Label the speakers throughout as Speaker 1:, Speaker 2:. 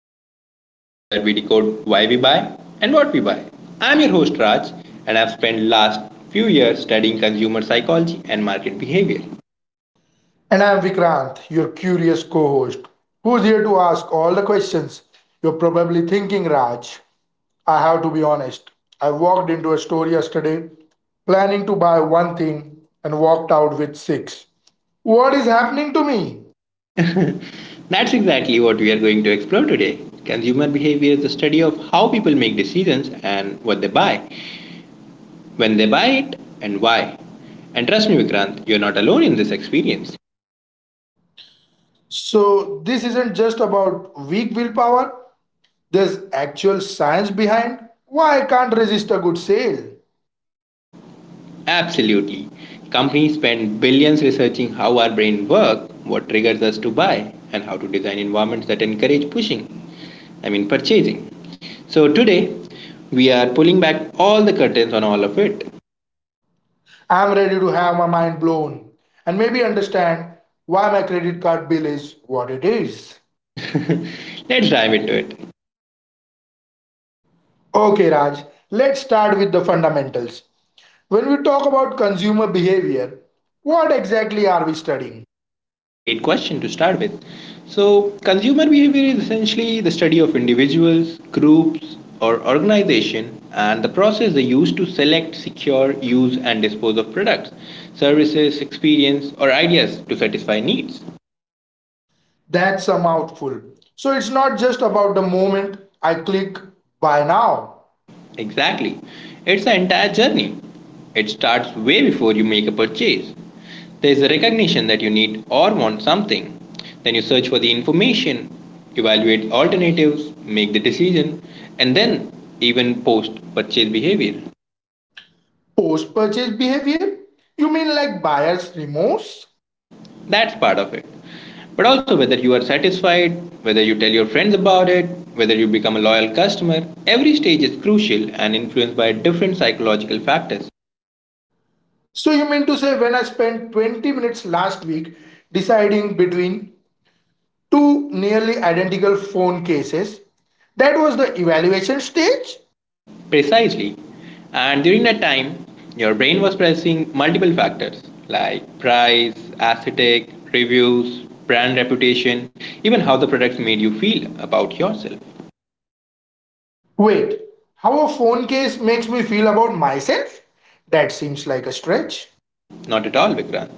Speaker 1: Mind, the podcast where we decode why we buy and what we buy. I'm your host Raj, and I've spent last few years studying consumer psychology and market behavior.
Speaker 2: And I am Vikrant, your curious co host, who's here to ask all the questions you're probably thinking, Raj. I have to be honest. I walked into a store yesterday planning to buy one thing and walked out with six. What is happening to me?
Speaker 1: That's exactly what we are going to explore today. Consumer behavior is the study of how people make decisions and what they buy, when they buy it, and why. And trust me, Vikrant, you're not alone in this experience.
Speaker 2: So, this isn't just about weak willpower, there's actual science behind why I can't resist a good sale.
Speaker 1: Absolutely. Companies spend billions researching how our brain work, what triggers us to buy, and how to design environments that encourage pushing, I mean purchasing. So today we are pulling back all the curtains on all of it.
Speaker 2: I'm ready to have my mind blown and maybe understand why my credit card bill is what it is.
Speaker 1: Let's dive into it.
Speaker 2: Okay, Raj, let's start with the fundamentals. When we talk about consumer behavior, what exactly are we studying?
Speaker 1: Great question to start with. So, consumer behavior is essentially the study of individuals, groups, or organization and the process they use to select, secure, use, and dispose of products, services, experience, or ideas to satisfy needs.
Speaker 2: That's a mouthful. So it's not just about the moment I click buy now.
Speaker 1: Exactly. It's an entire journey. It starts way before you make a purchase. There's a recognition that you need or want something. Then you search for the information, evaluate alternatives, make the decision, and then even post purchase behavior.
Speaker 2: Post purchase behavior? You mean like buyer's remorse?
Speaker 1: That's part of it. But also, whether you are satisfied, whether you tell your friends about it, whether you become a loyal customer, every stage is crucial and influenced by different psychological factors.
Speaker 2: So you mean to say when I spent 20 minutes last week deciding between two nearly identical phone cases, that was the evaluation stage?
Speaker 1: Precisely. And during that time, your brain was processing multiple factors like price, aesthetic, reviews, brand reputation, even how the products made you feel about yourself.
Speaker 2: Wait, how a phone case makes me feel about myself? That seems like a stretch.
Speaker 1: Not at all, Vikrant.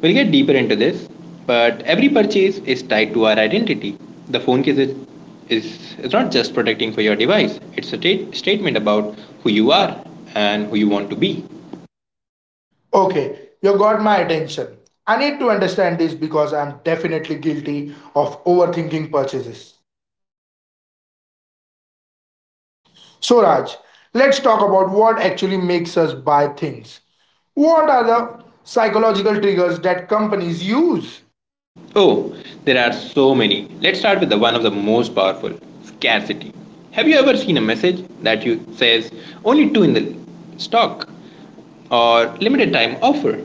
Speaker 1: We'll get deeper into this, but every purchase is tied to our identity. The phone case is not just protecting for your device, it's a statement about who you are and who you want to be.
Speaker 2: Okay, you got my attention. I need to understand this because I'm definitely guilty of overthinking purchases. So, Raj, let's talk about what actually makes us buy things. What are the psychological triggers that companies use
Speaker 1: Oh, there are so many. Let's start with the one of the most powerful scarcity. Have you ever seen a message that you says only two in the stock or limited time offer?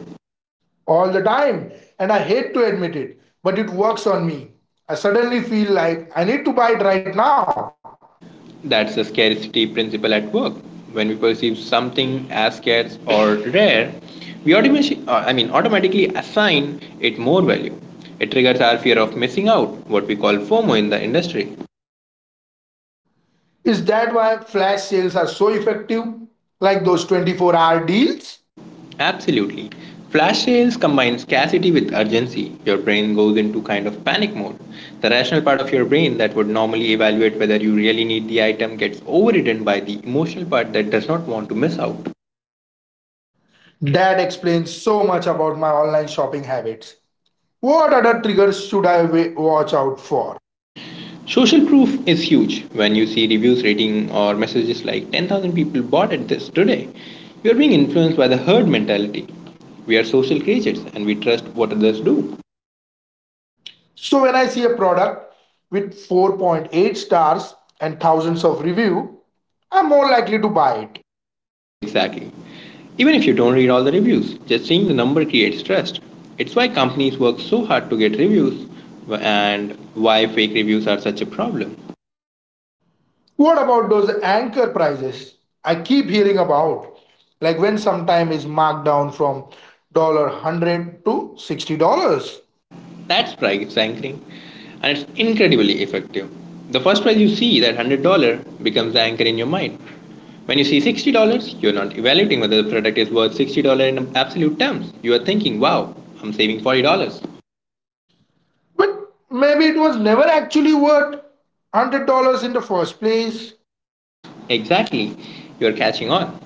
Speaker 2: all the time? And I hate to admit it, but it works on me. I suddenly feel like I need to buy it right now.
Speaker 1: That's the scarcity principle at work. When we perceive something as scarce or rare, we automatically assign it more value. It triggers our fear of missing out, what we call FOMO in the industry.
Speaker 2: Is that why flash sales are so effective? Like those 24-hour deals?
Speaker 1: Absolutely. Flash sales combine scarcity with urgency. Your brain goes into kind of panic mode. The rational part of your brain that would normally evaluate whether you really need the item gets overridden by the emotional part that does not want to miss out.
Speaker 2: That explains so much about my online shopping habits. What other triggers should I watch out for?
Speaker 1: Social proof is huge. When you see reviews, rating, or messages like 10,000 people bought at this today, you are being influenced by the herd mentality. We are social creatures and we trust what others do.
Speaker 2: So, when I see a product with 4.8 stars and thousands of reviews, I'm more likely to buy it.
Speaker 1: Exactly. Even if you don't read all the reviews, just seeing the number creates trust. It's why companies work so hard to get reviews and why fake reviews are such a problem.
Speaker 2: What about those anchor prices I keep hearing about? Like when sometime is marked down from $100 to $60.
Speaker 1: That's price anchoring and it's incredibly effective. The first price you see, that $100, becomes the anchor in your mind. When you see $60, you're not evaluating whether the product is worth $60 in absolute terms. You are thinking, wow, I'm saving $40.
Speaker 2: But maybe it was never actually worth $100 in the first place.
Speaker 1: Exactly, you're catching on.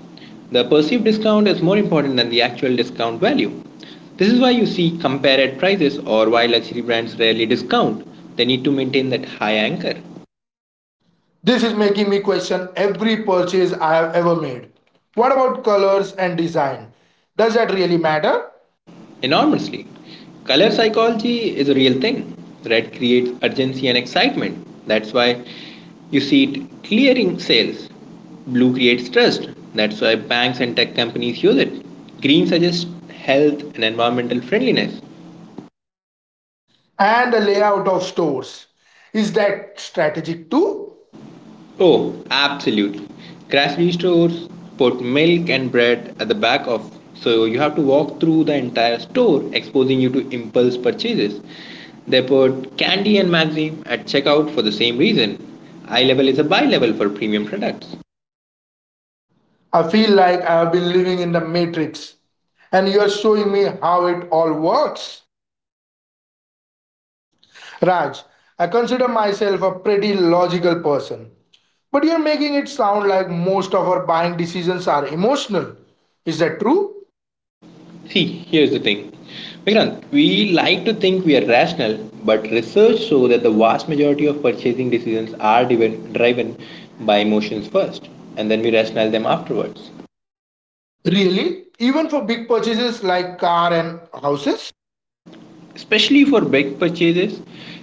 Speaker 1: The perceived discount is more important than the actual discount value. This is why you see comparative prices or why luxury brands rarely discount. They need to maintain that high anchor
Speaker 2: This is making me question every purchase I have ever made. What about colors and design? Does that really matter?
Speaker 1: enormously. Color psychology is a real thing. Red creates urgency and excitement. That's why you see it clearing sales. Blue creates trust. That's why banks and tech companies use it. Green suggests health and environmental friendliness.
Speaker 2: And the layout of stores. Is that strategic too?
Speaker 1: Oh, absolutely. Grocery stores put milk and bread at the back of, so you have to walk through the entire store, exposing you to impulse purchases. They put candy and magazine at checkout for the same reason. Eye level is a buy level for premium products.
Speaker 2: I feel like I have been living in the matrix and you are showing me how it all works. Raj, I consider myself a pretty logical person. But you're making it sound like most of our buying decisions are emotional. Is that true?
Speaker 1: See, here's the thing. Vikrant, we like to think we are rational, but research shows that the vast majority of purchasing decisions are driven by emotions first, and then we rationalize them afterwards.
Speaker 2: Really? Even for big purchases like car and houses?
Speaker 1: Especially for big purchases.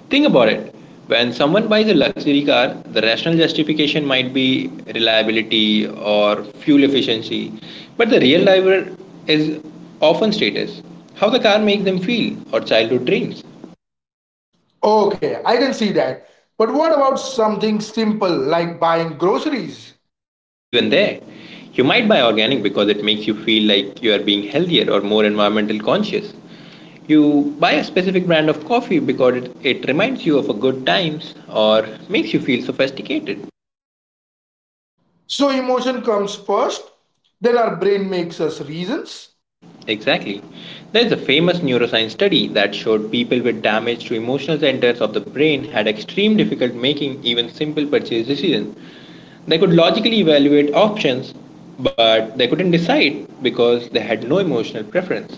Speaker 1: Think about it. When someone buys a luxury car, the rational justification might be reliability or fuel efficiency, but the real driver is often status, how the car makes them feel, or childhood dreams.
Speaker 2: Okay, I can see that. But what about something simple like buying groceries?
Speaker 1: Even there, you might buy organic because it makes you feel like you are being healthier or more environmental conscious. You buy a specific brand of coffee because it reminds you of a good times or makes you feel sophisticated.
Speaker 2: So emotion comes first, then our brain makes us reasons.
Speaker 1: Exactly. There's a famous neuroscience study that showed people with damage to emotional centers of the brain had extreme difficulty making even simple purchase decisions. They could logically evaluate options, but they couldn't decide because they had no emotional preference.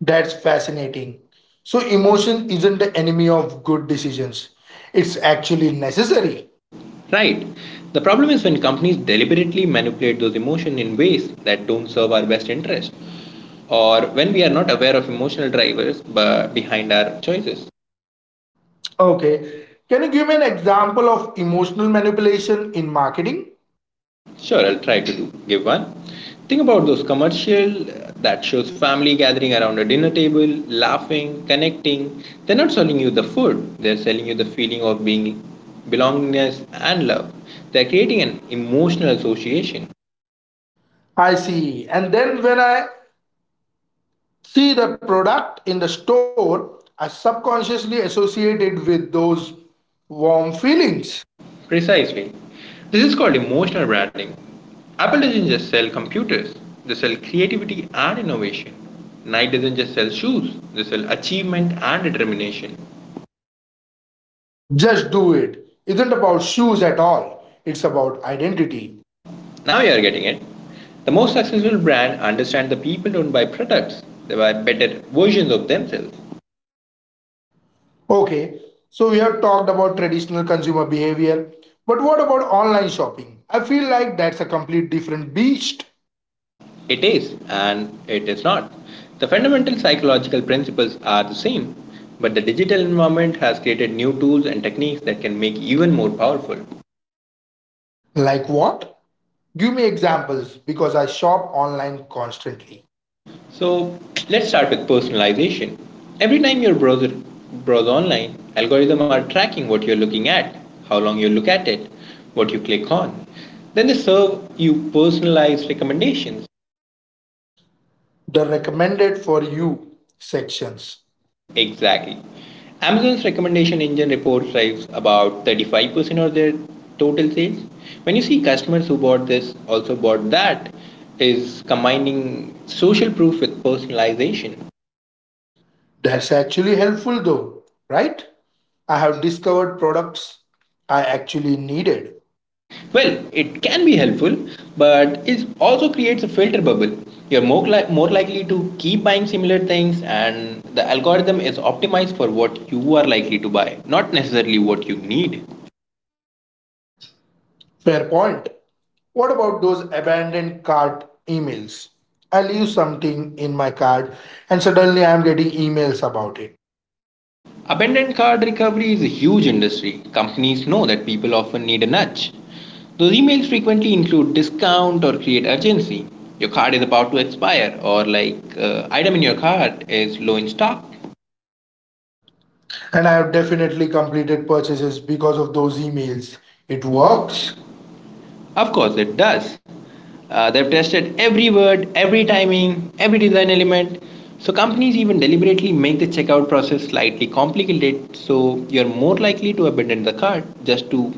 Speaker 2: That's fascinating. So emotion isn't the enemy of good decisions. It's actually necessary.
Speaker 1: Right. The problem is when companies deliberately manipulate those emotions in ways that don't serve our best interest, or when we are not aware of emotional drivers but behind our choices.
Speaker 2: Okay. Can you give me an example of emotional manipulation in marketing?
Speaker 1: Sure, I'll try to do give one. Think about those commercial that shows family gathering around a dinner table, laughing, connecting. They're not selling you the food. They're selling you the feeling of being belongingness and love. They're creating an emotional association.
Speaker 2: I see. And then when I see the product in the store, I subconsciously associate it with those warm feelings.
Speaker 1: Precisely. This is called emotional branding. Apple doesn't just sell computers, they sell creativity and innovation. Nike doesn't just sell shoes, they sell achievement and determination.
Speaker 2: Just do it. Isn't about shoes at all. It's about identity.
Speaker 1: Now you are getting it. The most successful brand understand the people don't buy products, they buy better versions of themselves.
Speaker 2: Okay. So we have talked about traditional consumer behavior, but what about online shopping? I feel like that's a complete different beast.
Speaker 1: It is and it is not. The fundamental psychological principles are the same, but the digital environment has created new tools and techniques that can make even more powerful.
Speaker 2: Like what? Give me examples because I shop online constantly.
Speaker 1: So let's start with personalization. Every time your browse online, algorithms are tracking what you're looking at, how long you look at it, what you click on. Then they serve you personalized recommendations.
Speaker 2: The recommended for you sections.
Speaker 1: Exactly. Amazon's recommendation engine report drives about 35% of their total sales. When you see customers who bought this also bought that, is combining social proof with personalization.
Speaker 2: That's actually helpful though, right? I have discovered products I actually needed.
Speaker 1: Well, it can be helpful, but it also creates a filter bubble. You're more likely to keep buying similar things, and the algorithm is optimized for what you are likely to buy, not necessarily what you need.
Speaker 2: Fair point. What about those abandoned cart emails? I leave something in my cart and suddenly I am getting emails about it.
Speaker 1: Abandoned cart recovery is a huge industry. Companies know that people often need a nudge. Those emails frequently include discount or create urgency. Your card is about to expire, or like item in your cart is low in stock.
Speaker 2: And I have definitely completed purchases because of those emails.
Speaker 1: It
Speaker 2: It works.
Speaker 1: works. Of course, it does. They've tested every word, every timing, every design element. So, companies even deliberately make the checkout process slightly complicated so you're more likely to abandon the cart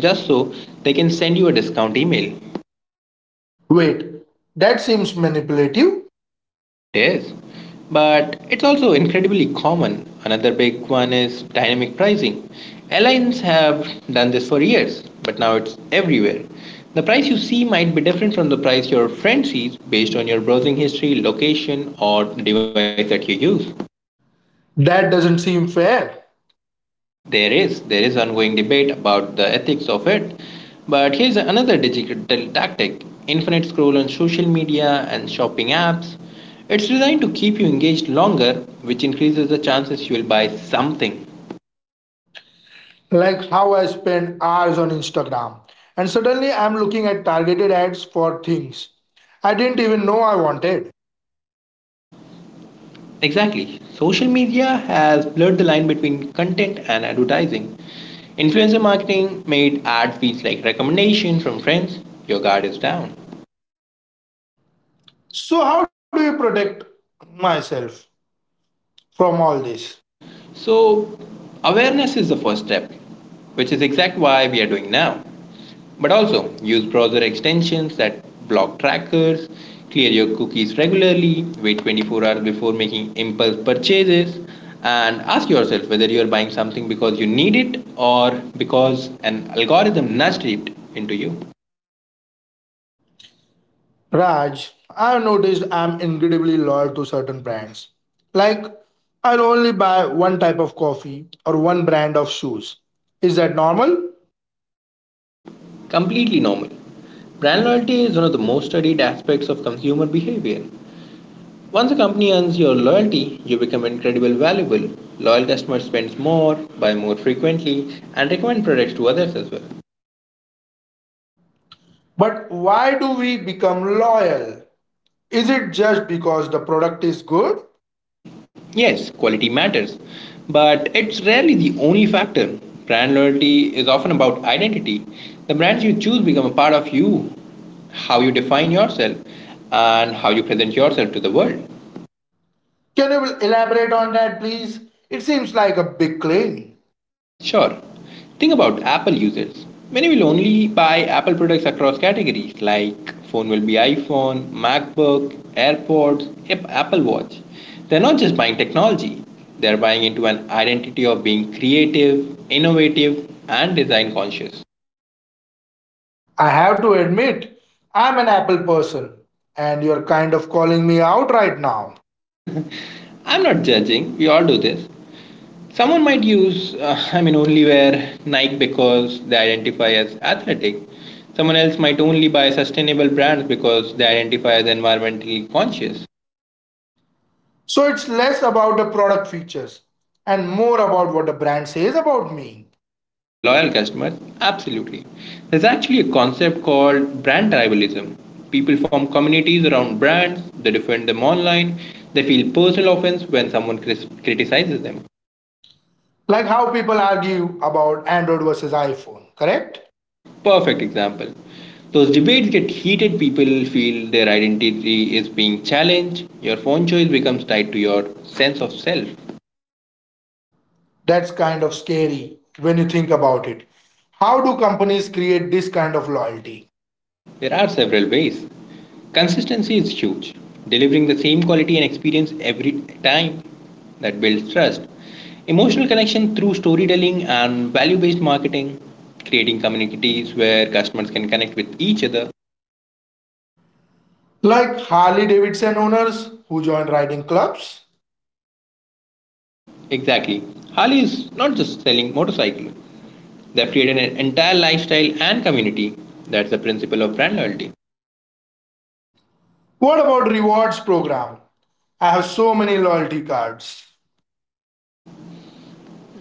Speaker 1: just so they can send you a discount email.
Speaker 2: Wait, that seems manipulative.
Speaker 1: It is. But it's also incredibly common. Another big one is dynamic pricing. Airlines have done this for years, but now it's everywhere. The price you see might be different from the price your friend sees based on your browsing history, location, or the device that you use.
Speaker 2: That doesn't seem fair.
Speaker 1: There is ongoing debate about the ethics of it, but here's another digital tactic: infinite scroll on social media and shopping apps. It's designed to keep you engaged longer, which increases the chances you'll buy something.
Speaker 2: Like how I spend hours on Instagram and suddenly I'm looking at targeted ads for things I didn't even know I wanted.
Speaker 1: Exactly. Social media has blurred the line between content and advertising. Influencer marketing made ad feeds like recommendation from friends. Your guard is down.
Speaker 2: So, how do you protect myself from all this?
Speaker 1: So awareness is the first step, which is exactly why we are doing now. But also use browser extensions that block trackers, clear your cookies regularly, wait 24 hours before making impulse purchases, and ask yourself whether you are buying something because you need it or because an algorithm nudged it into you.
Speaker 2: Raj, I've noticed I'm incredibly loyal to certain brands. Like, I'll only buy one type of coffee or one brand of shoes. Is that normal?
Speaker 1: Completely normal. Brand loyalty is one of the most studied aspects of consumer behavior. Once a company earns your loyalty, you become incredibly valuable. Loyal customers spend more, buy more frequently, and recommend products to others as well.
Speaker 2: But why do we become loyal? Is it just because the product is good?
Speaker 1: Yes, quality matters, but it's rarely the only factor. Brand loyalty is often about identity. The brands you choose become a part of you, how you define yourself, and how you present yourself to the world.
Speaker 2: Can you elaborate on that, please? It seems like a big claim.
Speaker 1: Sure. Think about Apple users. Many will only buy Apple products across categories like phone will be iPhone, MacBook, AirPods, Apple Watch. They're not just buying technology, they're buying into an identity of being creative, innovative, and design conscious.
Speaker 2: I have to admit, I'm an Apple person, and you're kind of calling me out right now.
Speaker 1: I'm not judging, we all do this. Someone might use, I mean, only wear Nike because they identify as athletic. Someone else might only buy sustainable brands because they identify as environmentally conscious.
Speaker 2: So it's less about the product features and more about what the brand says about me.
Speaker 1: For loyal customers? Absolutely. There's actually a concept called brand tribalism. People form communities around brands, they defend them online, they feel personal offense when someone criticizes them.
Speaker 2: Like how people argue about Android versus iPhone, correct?
Speaker 1: Perfect example. Those debates get heated, people feel their identity is being challenged, your phone choice becomes tied to your sense of self.
Speaker 2: That's kind of scary when you think about it. How do companies create this kind of loyalty?
Speaker 1: There are several ways. Consistency is huge. Delivering the same quality and experience every time that builds trust. Emotional connection through storytelling and value based marketing, creating communities where customers can connect with each other.
Speaker 2: Like Harley Davidson owners who join riding clubs?
Speaker 1: Exactly. Harley is not just selling motorcycle. They've created an entire lifestyle and community. That's the principle of brand loyalty.
Speaker 2: What about rewards program? I have so many loyalty cards.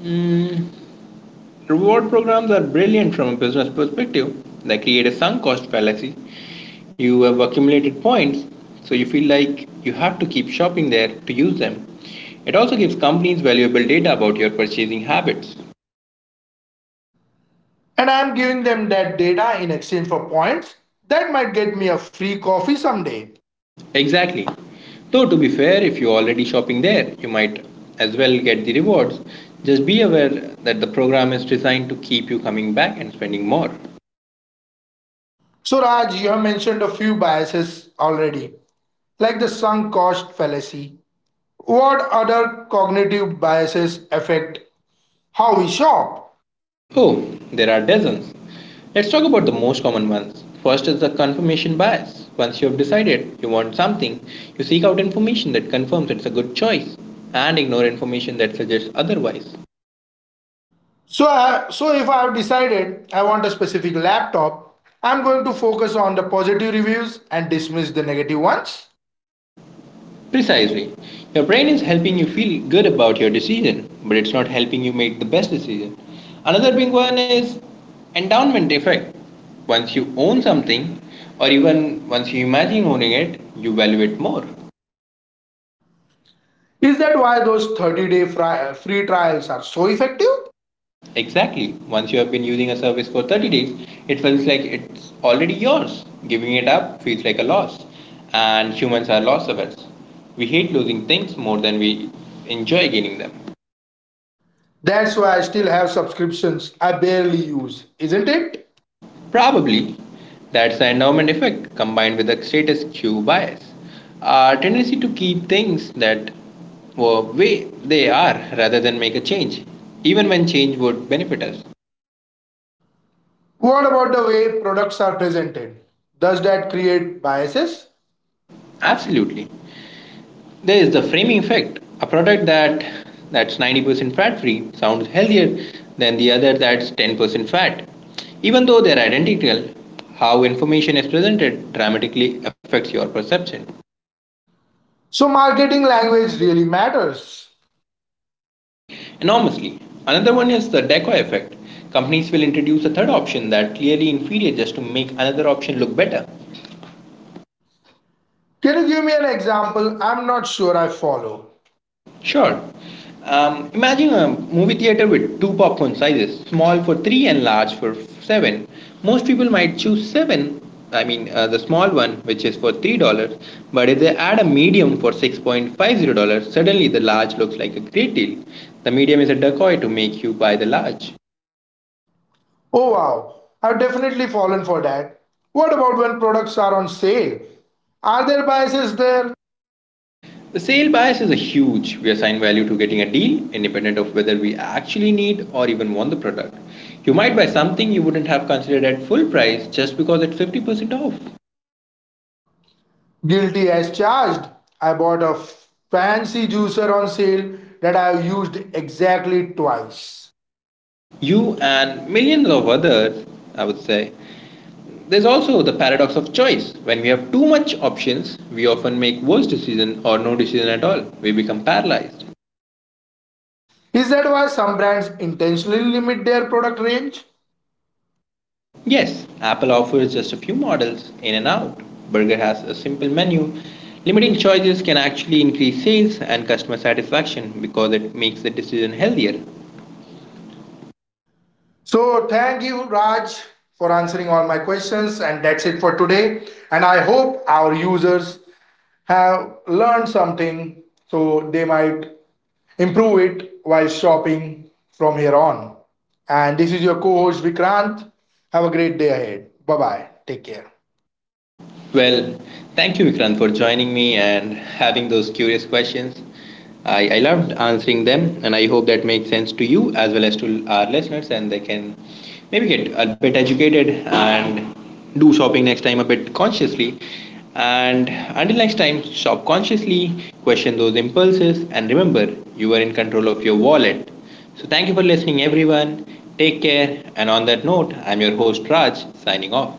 Speaker 1: Mm, Reward programs are brilliant from a business perspective. They create a sunk cost fallacy. You have accumulated points, so you feel like you have to keep shopping there to use them. It also gives companies valuable data about your purchasing habits.
Speaker 2: And I am giving them that data in exchange for points that might get me a free coffee someday.
Speaker 1: Exactly. Though, to be fair, if you're already shopping there, you might as well get the rewards. Just be aware that the program is designed to keep you coming back and spending more.
Speaker 2: So Raj, you have mentioned a few biases already, like the sunk cost fallacy. What other cognitive biases affect how we shop?
Speaker 1: Oh, there are dozens. Let's talk about the most common ones. First is the confirmation bias. Once you have decided you want something, you seek out information that confirms it's a good choice and ignore information that suggests otherwise.
Speaker 2: So if I have decided I want a specific laptop, I'm going to focus on the positive reviews and dismiss the negative ones.
Speaker 1: Precisely. Your brain is helping you feel good about your decision, but it's not helping you make the best decision. Another big one is endowment effect. Once you own something, or even once you imagine owning it, you value it more.
Speaker 2: Is that why those 30-day free trials are so effective?
Speaker 1: Exactly. Once you have been using a service for 30 days, it feels like it's already yours. Giving it up feels like a loss. And humans are loss averse. We hate losing things more than we enjoy gaining them.
Speaker 2: That's why I still have subscriptions I barely use, isn't it?
Speaker 1: Probably that's the endowment effect combined with the status quo bias. Our tendency to keep things that were way they are rather than make a change, even when change would benefit us.
Speaker 2: What about the way products are presented? Does that create biases?
Speaker 1: Absolutely. There is the framing effect. A product that's 90% fat free sounds healthier than the other that's 10% fat. Even though they're identical, how information is presented dramatically affects your perception
Speaker 2: So, marketing language really matters.
Speaker 1: enormously. Another one is the decoy effect. Companies will introduce a third option that clearly inferior just to make another option look better.
Speaker 2: Can you give me an example? I'm not sure I follow.
Speaker 1: Sure. Imagine a movie theater with two popcorn sizes, small for three and large for seven. Most people might choose seven, I mean the small one, which is for $3. But if they add a medium for $6.50, suddenly the large looks like a great deal. The medium is a decoy to make you buy the large.
Speaker 2: Oh wow, I've definitely fallen for that. What about when products are on sale? Are there biases there?
Speaker 1: The sale bias is a huge. We assign value to getting a deal, independent of whether we actually need or even want the product. You might buy something you wouldn't have considered at full price just because it's 50% off.
Speaker 2: Guilty as charged. I bought a fancy juicer on sale that I have used exactly twice.
Speaker 1: You and millions of others, I would say. There's also the paradox of choice. When we have too much options, we often make worse decision or no decision at all. We become paralyzed.
Speaker 2: Is that why some brands intentionally limit their product range?
Speaker 1: Yes, Apple offers just a few models in and out. Burger has a simple menu. Limiting choices can actually increase sales and customer satisfaction because it makes the decision healthier.
Speaker 2: So, thank you, Raj, for answering all my questions, and that's it for today. And I hope our users have learned something so they might improve it while shopping from here on. And this is your co host Vikrant. Have a great day ahead. Bye bye. Take care.
Speaker 1: Well, thank you, Vikrant, for joining me and having those curious questions. I loved answering them, and I hope that makes sense to you as well as to our listeners, and they can maybe get a bit educated and do shopping next time a bit consciously. And until next time, shop consciously, question those impulses, and remember you are in control of your wallet. So, thank you for listening, everyone. Take care, and on that note, I'm your host Raj signing off.